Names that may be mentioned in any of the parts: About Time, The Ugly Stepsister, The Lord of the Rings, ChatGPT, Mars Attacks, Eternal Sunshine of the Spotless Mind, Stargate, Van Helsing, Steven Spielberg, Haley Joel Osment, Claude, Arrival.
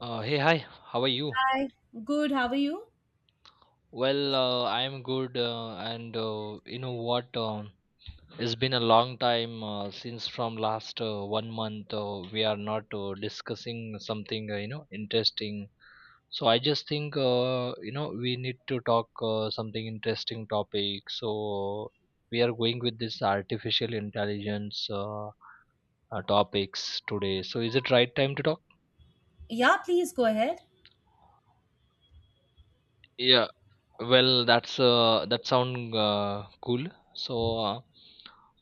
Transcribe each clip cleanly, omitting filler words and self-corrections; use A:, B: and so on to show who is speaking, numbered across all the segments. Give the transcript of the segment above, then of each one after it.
A: Hey, hi, how are you?
B: Hi. Good, how are you?
A: Well, I'm good, and you know what? It's been a long time since from last 1 month we are not discussing something interesting. So I just think we need to talk something interesting topic. So we are going with this artificial intelligence topics today. So is it right time to talk?
B: Yeah, please go ahead.
A: Yeah. Well, that sound cool. So,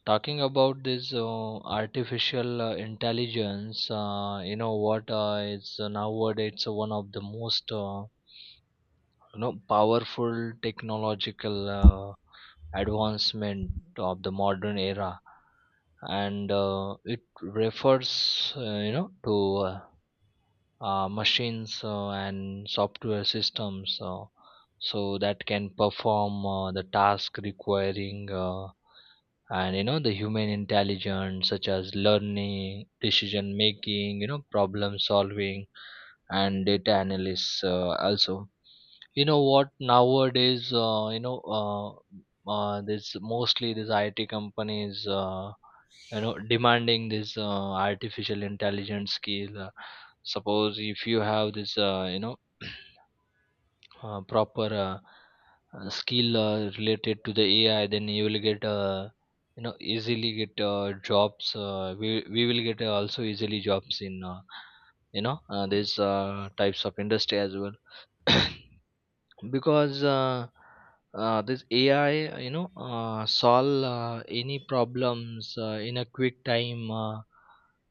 A: talking about this artificial intelligence, you know what is nowadays it's one of the most powerful technological advancement of the modern era, and it refers to machines and software systems so that can perform the task requiring and the human intelligence, such as learning, decision making, problem solving, and data analysis also. You know what nowadays this, mostly these IT companies demanding this artificial intelligence skill. Suppose if you have this proper skill related to the AI, then easily get jobs. We will get also easily jobs in these types of industry as well. Because this AI, solve any problems in a quick time.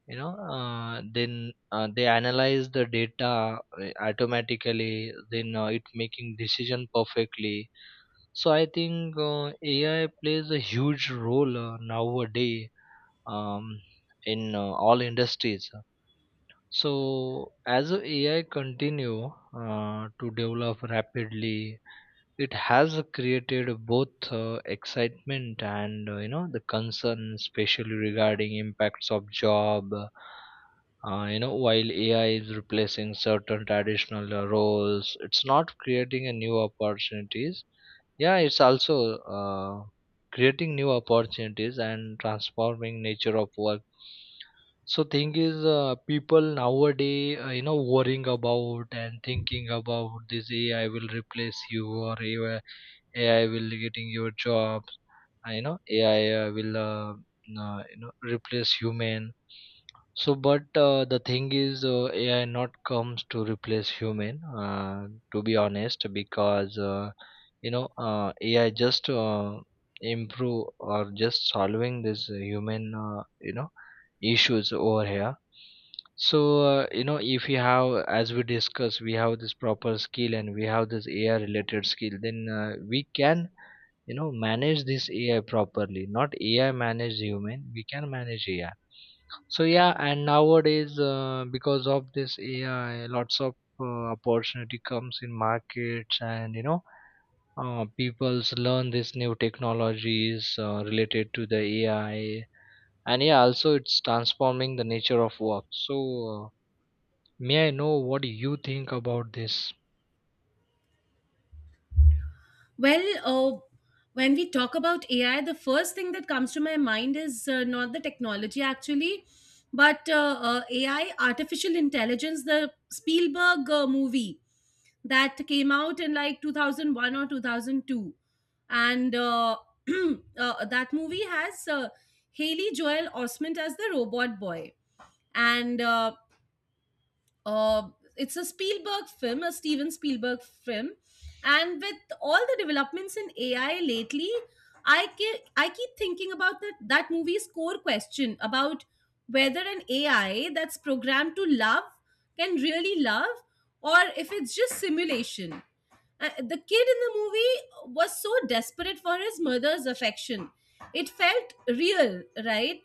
A: Then they analyze the data automatically. Then it making decision perfectly. So I think AI plays a huge role nowadays, um, in all industries. So as a AI continue to develop rapidly, it has created both excitement and the concern, especially regarding impacts of job. While ai is replacing certain traditional roles, it's not creating a new opportunities. Yeah, it's also creating new opportunities and transforming nature of work. So thing is, people nowadays, worrying about and thinking about this AI will replace you, or AI will getting your jobs. You know, AI will, replace human. So, but the thing is, AI not comes to replace human. To be honest, because AI just improve, or just solving this human, issues over here. So if we have, as we discuss, we have this proper skill and we have this ai related skill, then we can manage this ai properly, not ai manage human, we can manage ai. So yeah, and nowadays because of this ai lots of opportunity comes in markets, and people's learn these new technologies related to the ai. And yeah, also it's transforming the nature of work. So uh, may I know what you think about this?
B: Well, uh, when we talk about AI, the first thing that comes to my mind is not the technology actually, but AI, artificial intelligence, the Spielberg movie that came out in like 2001 or 2002. And that movie has Haley Joel Osment as the robot boy. And Uh, it's a Spielberg film, a Steven Spielberg film, and with all the developments in AI lately, I keep thinking about that movie's core question about whether an AI that's programmed to love can really love, or if it's just simulation. The kid in the movie was so desperate for his mother's affection. It felt real, right?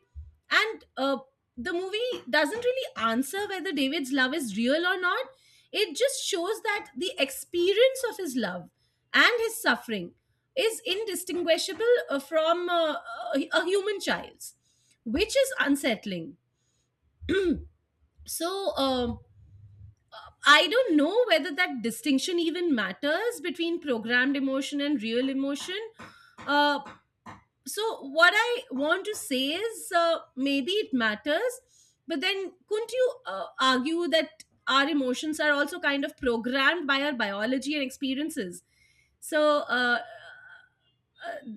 B: And The movie doesn't really answer whether David's love is real or not. It just shows that the experience of his love and his suffering is indistinguishable from a human child's, which is unsettling. So, I don't know whether that distinction even matters between programmed emotion and real emotion. Uh, so what I want to say is, maybe it matters, but then couldn't you argue that our emotions are also kind of programmed by our biology and experiences? So uh, uh,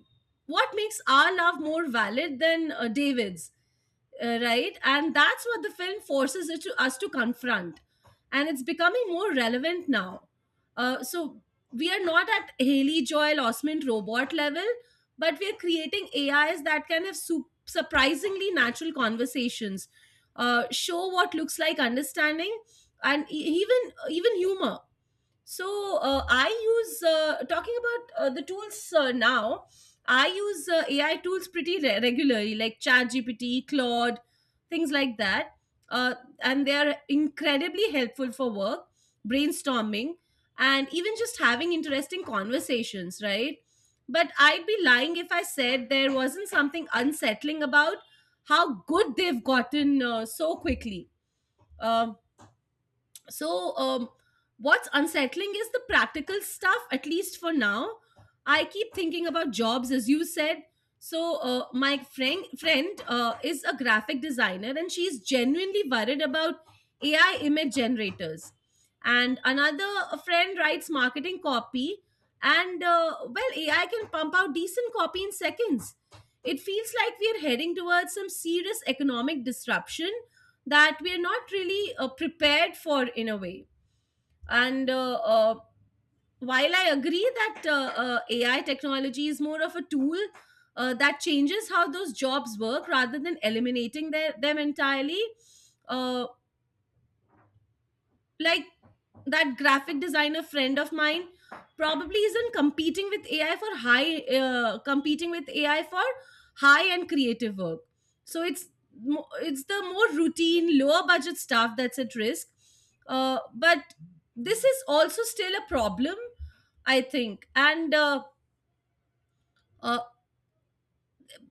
B: what makes our love more valid than David's, right? And that's what the film forces it to us to confront, and it's becoming more relevant now. So we are not at Haley Joel Osment robot level, but we're creating AIs that can have surprisingly natural conversations, show what looks like understanding, and even even humor. So I use, talking about the tools now. I use AI tools pretty regularly, like ChatGPT, Claude, things like that. uh, and they are incredibly helpful for work, brainstorming, and even just having interesting conversations, right? But I'd be lying if I said there wasn't something unsettling about how good they've gotten so quickly. Um so um, what's unsettling is the practical stuff, at least for now. I keep thinking about jobs, as you said. My friend is a graphic designer, and she's genuinely worried about AI image generators. And another friend writes marketing copy, and well, AI can pump out decent copy in seconds. It feels like we are heading towards some serious economic disruption that we are not really prepared for, in a way. And While I agree that AI technology is more of a tool that changes how those jobs work rather than eliminating their, them entirely, uh, like, that graphic designer friend of mine probably isn't competing with AI for high, competing with AI for high and creative work. So it's, it's the more routine, lower budget stuff that's at risk. But this is also still a problem, I think. And uh,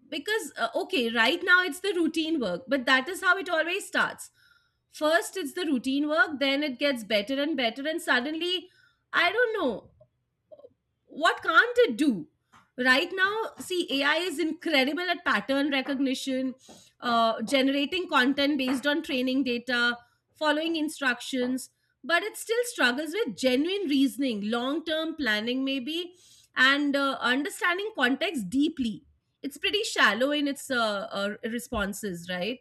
B: because Okay, right now it's the routine work, but that is how it always starts. First it's the routine work, then it gets better and better, and suddenly, I don't know, what can't it do? Right now, see, AI is incredible at pattern recognition, generating content based on training data, following instructions, but it still struggles with genuine reasoning, long term planning maybe, and understanding context deeply. It's pretty shallow in its responses, right?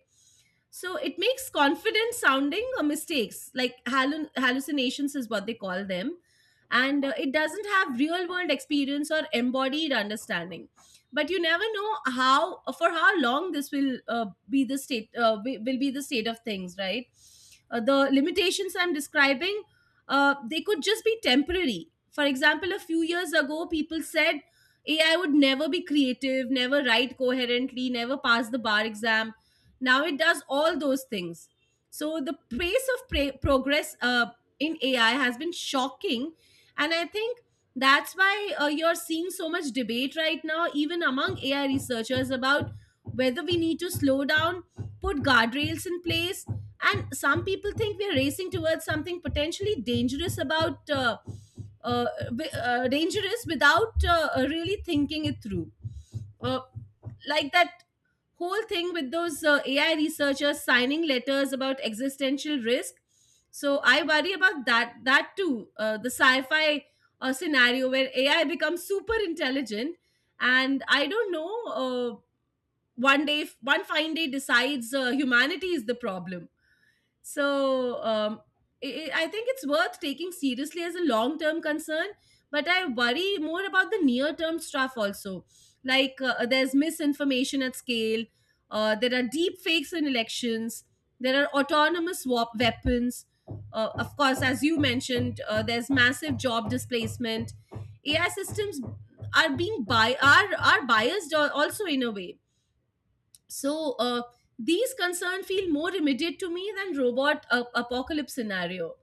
B: So it makes confident sounding mistakes, like hallucinations is what they call them. And it doesn't have real world experience or embodied understanding. But you never know how, for how long this will be the state, will be the state of things, right? The limitations I'm describing, they could just be temporary. For example, a few years ago people said AI would never be creative, never write coherently, never pass the bar exam. Now it does all those things. So the pace of progress in AI has been shocking. And I think that's why you're seeing so much debate right now, even among AI researchers, about whether we need to slow down, put guardrails in place. And some people think we're racing towards something potentially dangerous about. Uh, Dangerous without really thinking it through. Uh, like that whole thing with those AI researchers signing letters about existential risk. So I worry about that too. The sci-fi scenario where AI becomes super intelligent, and I don't know. One day, one fine day, decides humanity is the problem. So I think it's worth taking seriously as a long term concern, but I worry more about the near term stuff also. Like, there's misinformation at scale, there are deep fakes in elections, there are autonomous weapons. Of course, as you mentioned, there's massive job displacement. AI systems are being bi- are biased also in a way. So these concerns feel more immediate to me than robot apocalypse scenario.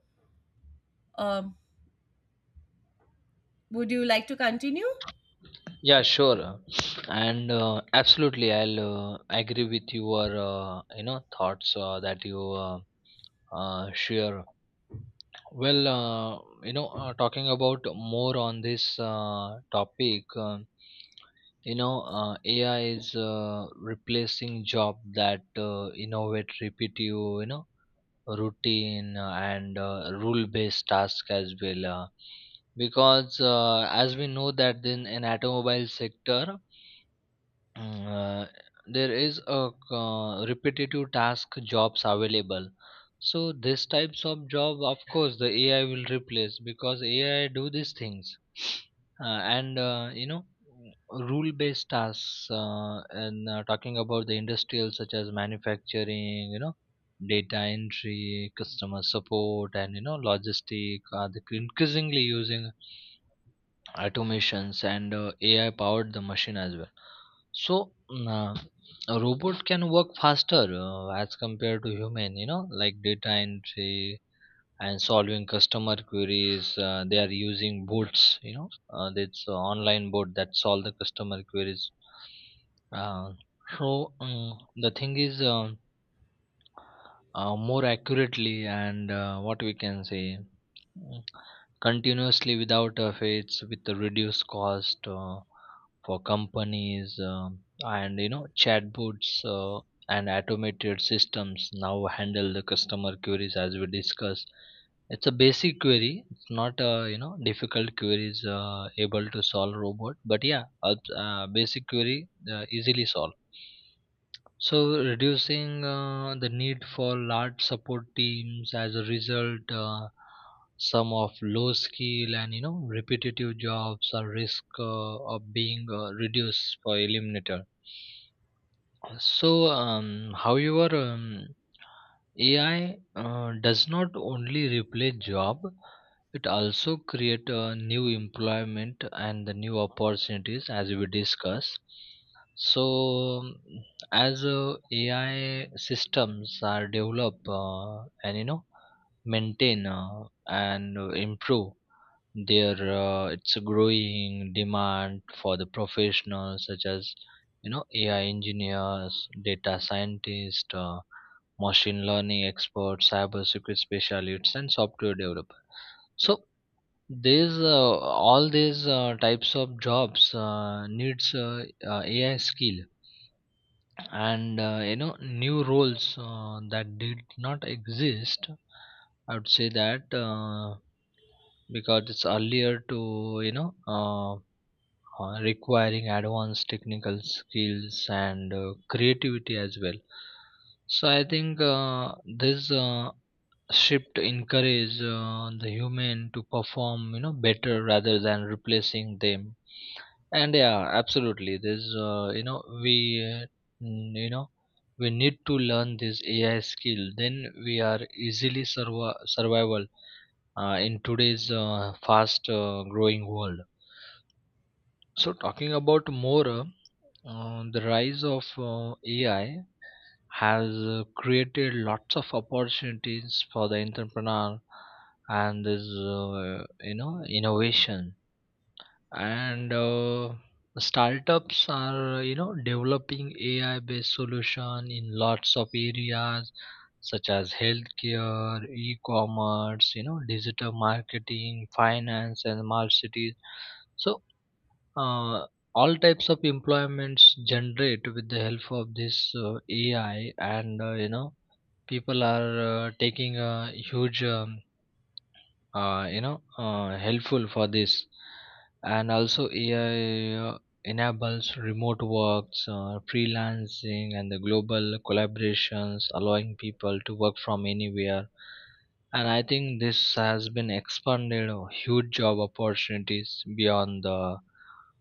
B: um, would you like to continue?
A: Yeah, sure, and absolutely I'll agree with your thoughts that you share. Well, talking about more on this topic. You know ai is replacing job that innovate, repetitive, routine and rule based task as well. Because as we know that in an automobile sector Mm, uh, there is a repetitive task jobs available. So this types of job, of course the ai will replace, because ai do these things. uh, and rule based tasks. And talking about the industrial, such as manufacturing, data entry, customer support, and logistic are the increasingly using automations and ai powered the machine as well. So, a robot can work faster as compared to human, like data entry and solving customer queries. They are using bots, it's online bot that solve the customer queries. Uh, so, the thing is, more accurately, and what we can say, mm, continuously without a fades, with the reduced cost for companies. And chatbots and automated systems now handle the customer queries, as we discussed. It's a basic query, it's not a difficult queries able to solve robot, but yeah, a, basic query easily solved. So, reducing the need for large support teams. As a result, some of low skill and repetitive jobs are risk of being reduced for eliminator. So, however, AI does not only replace job, it also create new employment and the new opportunities, as we discuss. So, as AI systems are developed and maintain and improve, there it's a growing demand for the professionals, such as ai engineers, data scientists, machine learning experts, cyber security specialists, and software developer. So these all these types of jobs needs ai skill, and new roles that did not exist, I would say, that because it's earlier to requiring advanced technical skills and creativity as well. So I think this shift encourage the human to perform better rather than replacing them. And yeah, absolutely. This we uh, mm, you know we need to learn this ai skill, then we are easily survival in today's fast growing world. So, talking about more, the rise of AI has created lots of opportunities for the entrepreneur, and this, innovation, and startups are developing ai based solution in lots of areas, such as healthcare, e-commerce, digital marketing, finance, and smart cities. So uh, all types of employments generate with the help of this ai, and people are taking a huge, helpful for this. And also AI enables remote works, freelancing, and the global collaborations, allowing people to work from anywhere. And I think this has been expanded huge job opportunities beyond the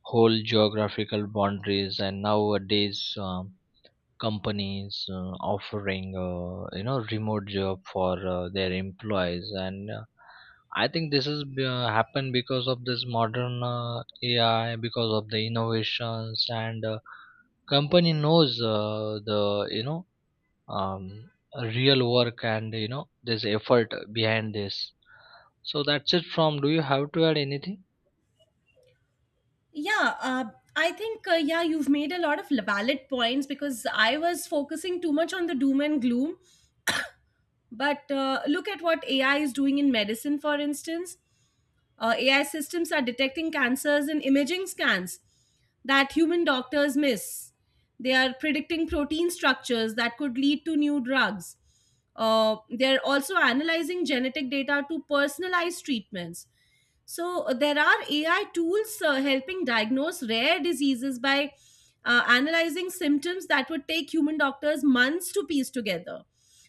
A: whole geographical boundaries. And nowadays, companies offering remote job for their employees. And I think this happened because of this modern ai, because of the innovations, and company knows the you know um, real work, and this effort behind this. So that's it from. Do you have to add anything?
B: Yeah, I think, yeah, you've made a lot of valid points, because I was focusing too much on the doom and gloom. But look at what AI is doing in medicine, for instance. AI systems are detecting cancers in imaging scans that human doctors miss. They are predicting protein structures that could lead to new drugs. They're also analyzing genetic data to personalize treatments. So, there are AI tools helping diagnose rare diseases by analyzing symptoms that would take human doctors months to piece together.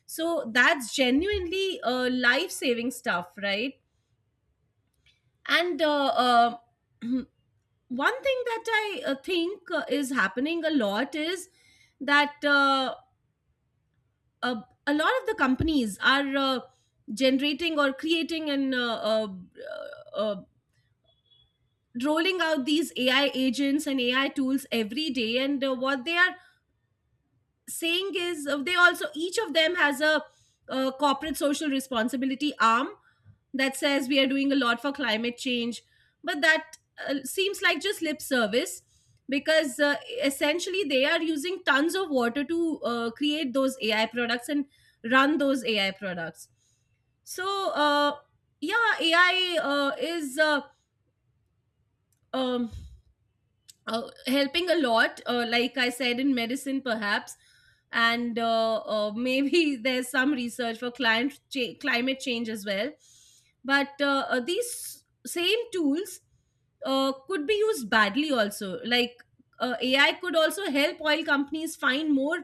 B: So, that's genuinely life saving stuff, right? and One thing that I think is happening a lot is that a lot of the companies are generating or creating, and uh, rolling out these AI agents and AI tools every day. And what they are saying is, they also, each of them has a corporate social responsibility arm that says we are doing a lot for climate change. But that seems like just lip service, because essentially they are using tons of water to create those AI products and run those AI products. So yeah, AI is um, helping a lot, like I said, in medicine perhaps, and maybe there's some research for climate change as well. But these same tools could be used badly also, like, AI could also help oil companies find more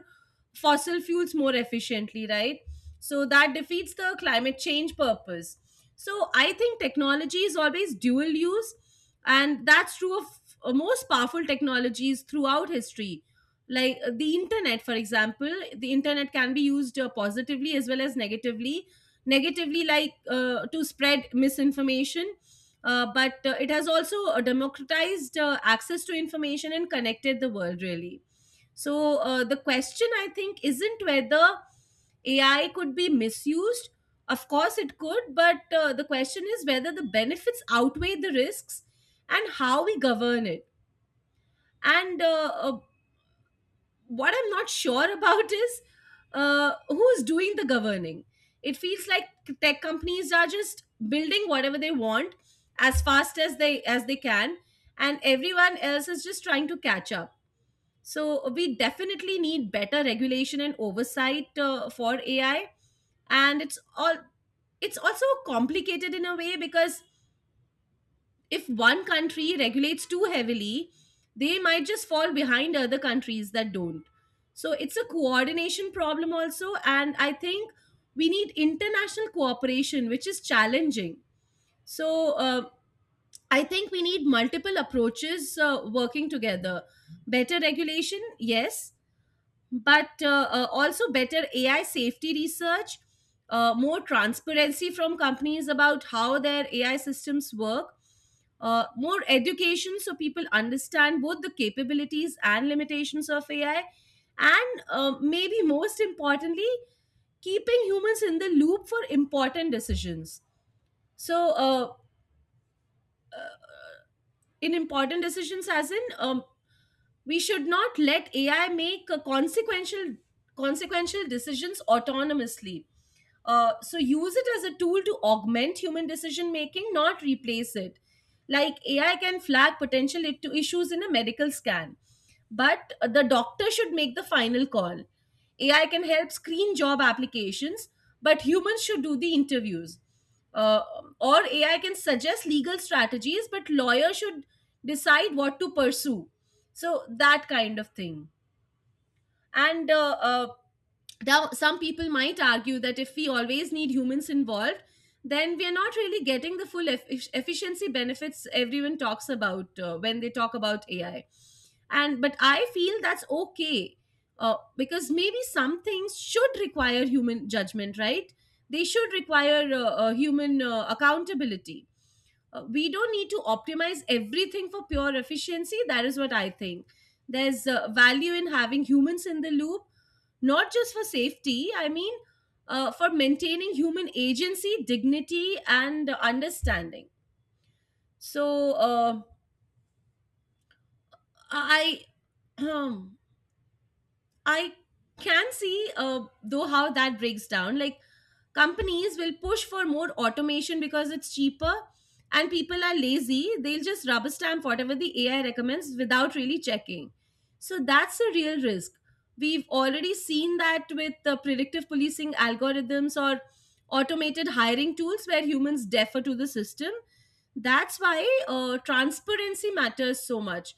B: fossil fuels more efficiently, right? So that defeats the climate change purpose. So I think technology is always dual use, and that's true of most powerful technologies throughout history. Like the internet, for example. The internet can be used positively as well as negatively. Negatively, like to spread misinformation, but it has also democratized access to information and connected the world, really. So the question, I think, isn't whether AI could be misused. Of course, it could, but the question is whether the benefits outweigh the risks and how we govern it. And what I'm not sure about is who's doing the governing. It feels like tech companies are just building whatever they want as fast as they can, and everyone else is just trying to catch up. So we definitely need better regulation and oversight for AI, and it's also complicated in a way, because if one country regulates too heavily, they might just fall behind other countries that don't. So it's a coordination problem also, and I think we need international cooperation, which is challenging. So I think we need multiple approaches working together. Better regulation, yes, but also better AI safety research, more transparency from companies about how their AI systems work, more education so people understand both the capabilities and limitations of AI, and maybe most importantly, keeping humans in the loop for important decisions. So, uh, in important decisions, as in we should not let ai make consequential decisions autonomously. So use it as a tool to augment human decision making, not replace it. Like ai can flag potential issues in a medical scan, but the doctor should make the final call. Ai can help screen job applications, but humans should do the interviews. uh, or ai can suggest legal strategies, but lawyers should decide what to pursue. So that kind of thing. And now some people might argue that if we always need humans involved, then we are not really getting the full efficiency benefits everyone talks about when they talk about ai. And but I feel that's okay. Because maybe some things should require human judgment, right? They should require human accountability. We don't need to optimize everything for pure efficiency. That is what I think. There's value in having humans in the loop, not just for safety, I mean, for maintaining human agency, dignity, and understanding. So uh, i I can see, though, how that breaks down. Like companies will push for more automation because it's cheaper, and people are lazy. They'll just rubber stamp whatever the ai recommends without really checking. So that's a real risk. We've already seen that with the predictive policing algorithms or automated hiring tools where humans defer to the system. That's why transparency matters so much.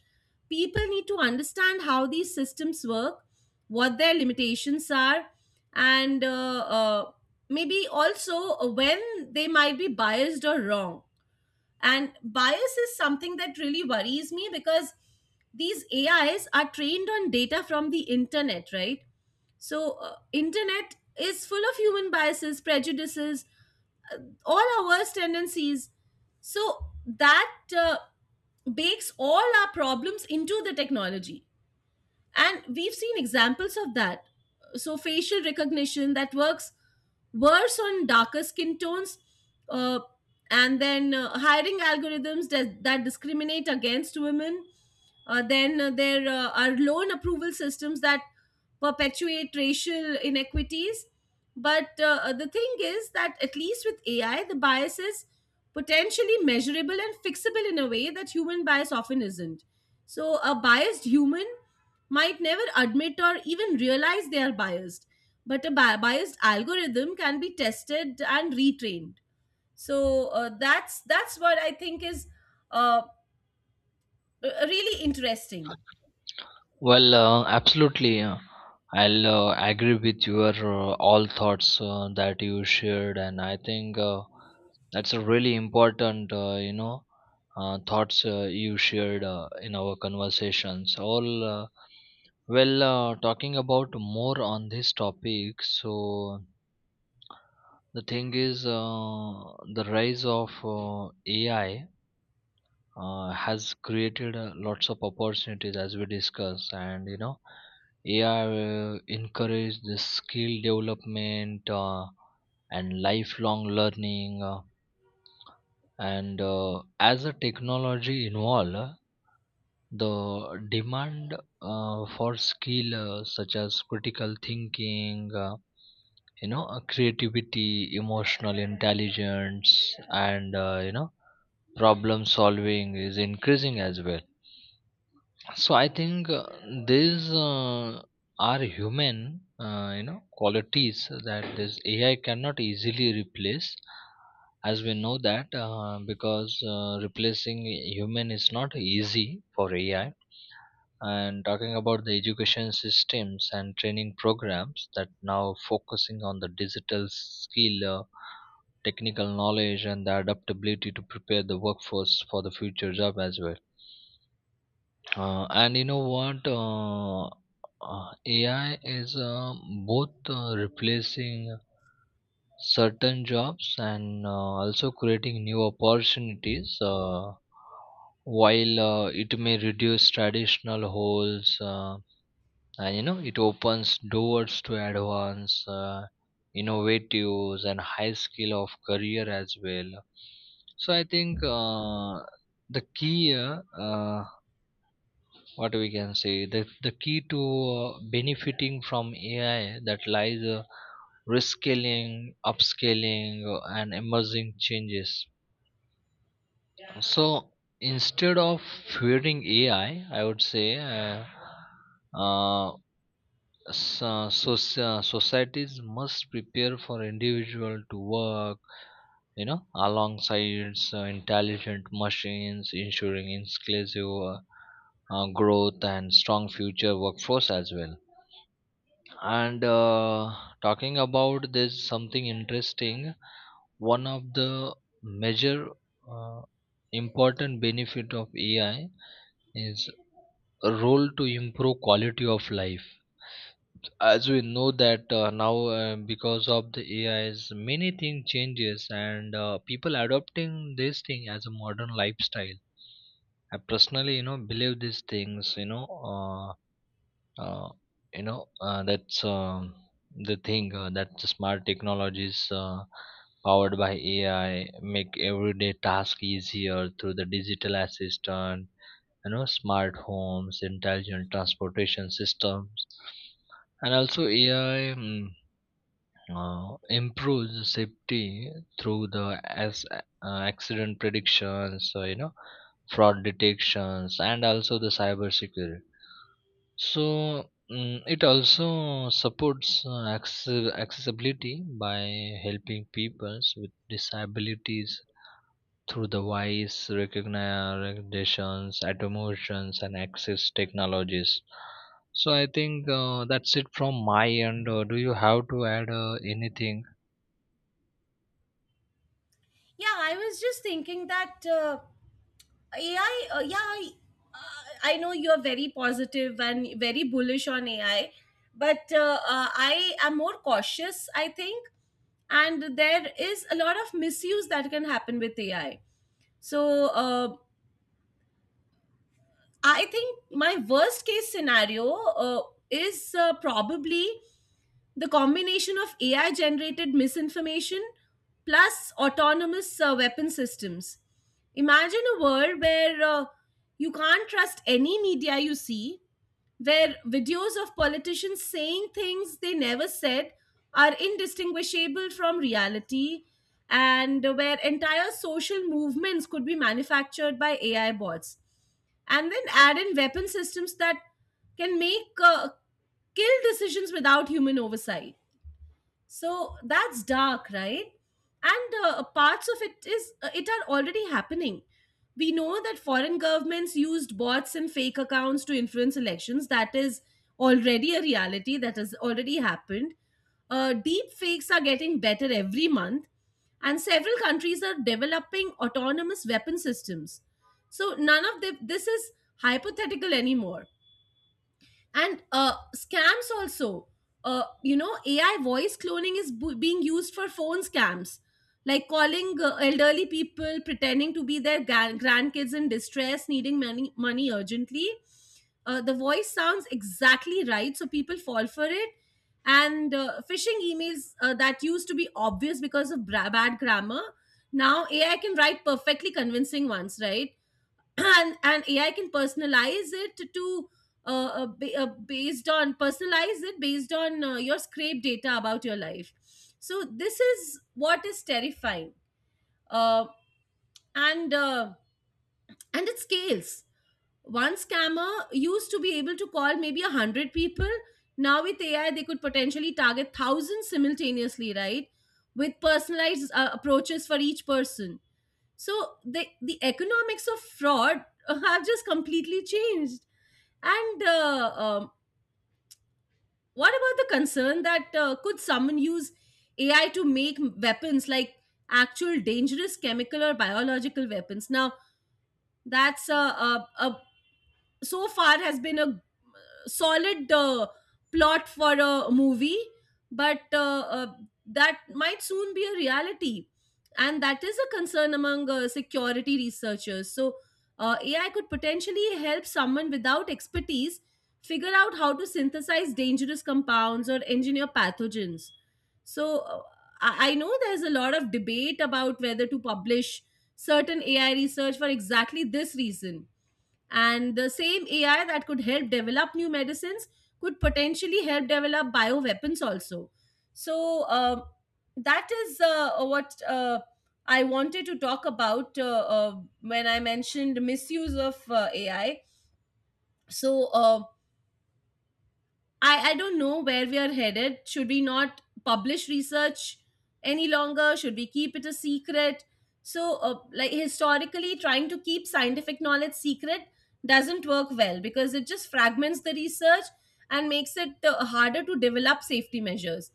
B: People need to understand how these systems work, what their limitations are, and maybe also when they might be biased or wrong. And bias is something that really worries me, because these ais are trained on data from the internet, right? So internet is full of human biases, prejudices, uh, all our worst tendencies. So that uh, bakes all our problems into the technology. And we've seen examples of that. So facial recognition that works worse on darker skin tones, uh, and then hiring algorithms that discriminate against women, then there are loan approval systems that perpetuate racial inequities. But the thing is that at least with AI, the bias is potentially measurable and fixable in a way that human bias often isn't. So a biased human might never admit or even realize they are biased, but a biased algorithm can be tested and retrained. So that's what I think is uh, really interesting.
A: Well, absolutely. I'll agree with your all thoughts that you shared, and I think that's a really important, thoughts you shared in our conversations. All well, talking about more on this topic. So the thing is, the rise of AI has created lots of opportunities, as we discussed, and ai will encourage the skill development and lifelong learning. And as the technology evolve, the demand for skill such as critical thinking, creativity, emotional intelligence, and problem solving is increasing as well. So I think these are human, qualities that this AI cannot easily replace. As we know that, because replacing human is not easy for AI. And talking about the education systems and training programs that now focusing on the digital skill, technical knowledge, and the adaptability to prepare the workforce for the future job as well. And you know what? AI is both replacing certain jobs and also creating new opportunities. While it may reduce traditional holes, and it opens doors to advance, innovatives, and high skill of career as well. So I think the key what we can say the key to benefiting from ai, that lies rescaling, upscaling, and emerging changes. So, instead of fearing ai, I would say uh, so, so, societies must prepare for individual to work, alongside intelligent machines, ensuring inclusive growth and strong future workforce as well. And talking about this, something interesting. One of the major uh, important benefit of AI is a role to improve quality of life. As we know that now, because of the AIs, many thing changes and people adopting this thing as a modern lifestyle. I personally, believe these things. Uh, that's the thing that the smart technologies powered by ai make everyday task easier through the digital assistant, smart homes, intelligent transportation systems. And also ai improves safety through the as accident predictions, fraud detections, and also the cyber security. So it also supports accessibility by helping people with disabilities through the voice recognitions, automations, and access technologies. So I think that's it from my end. Do you have to add anything?
B: Yeah, I was just thinking that. AI, yeah, uh, I know you're very positive and very bullish on AI, but I am more cautious, I think. And there is a lot of misuse that can happen with AI. So I think my worst case scenario is probably the combination of AI generated misinformation plus autonomous weapon systems. Imagine a world where you can't trust any media you see, where videos of politicians saying things they never said are indistinguishable from reality, and where entire social movements could be manufactured by AI bots. And then add in weapon systems that can make kill decisions without human oversight. So that's dark, right? And parts of it is it are already happening. We know that foreign governments used bots and fake accounts to influence elections. That is already a reality. That has already happened. Deep fakes are getting better every month, and several countries are developing autonomous weapon systems. So none of the, this is hypothetical anymore. And scams also. You know, ai voice cloning is being used for phone scams, like calling elderly people pretending to be their grandkids in distress, needing money urgently. The voice sounds exactly right, so people fall for it. And phishing emails that used to be obvious because of bad grammar, now ai can write perfectly convincing ones, right? And AI can personalize it to, uh, ba- based on personalize it based on your scrape data about your life. So this is what is terrifying. Uh, and uh, and it scales. One scammer used to be able to call maybe a hundred people. Now with AI, they could potentially target thousands simultaneously, right? With personalized approaches for each person. So the economics of fraud have just completely changed. And What about the concern that, could someone use AI to make weapons, like actual dangerous chemical or biological weapons? Now, that's a so far has been a solid plot for a movie, but uh, that might soon be a reality. And that is a concern among security researchers. So, AI could potentially help someone without expertise figure out how to synthesize dangerous compounds or engineer pathogens. So, I know there's a lot of debate about whether to publish certain AI research for exactly this reason. And the same AI that could help develop new medicines could potentially help develop bioweapons also. So that is what I wanted to talk about when I mentioned misuse of AI. So I don't know where we are headed. Should we not publish research any longer? Should we keep it a secret? So, like historically, trying to keep scientific knowledge secret doesn't work well because it just fragments the research and makes it harder to develop safety measures.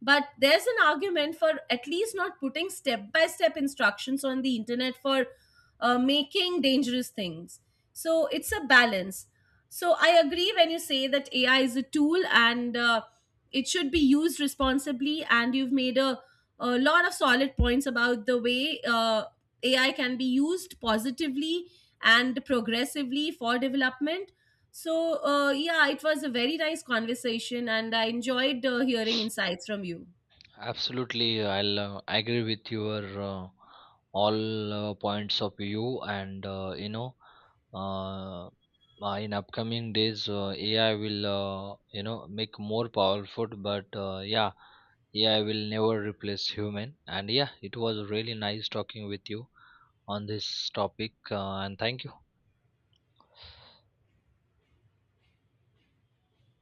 B: But there's an argument for at least not putting step by step instructions on the internet for making dangerous things. So, it's a balance. So I agree when you say that AI is a tool and it should be used responsibly. And you've made a lot of solid points about the way AI can be used positively and progressively for development. So, yeah, it was a very nice conversation and I enjoyed hearing insights from you.
A: Absolutely, I'll agree with your all points of view, and uh, in upcoming days, AI will make more powerful. But yeah, AI will never replace human. And yeah, it was really nice talking with you on this topic, and thank you.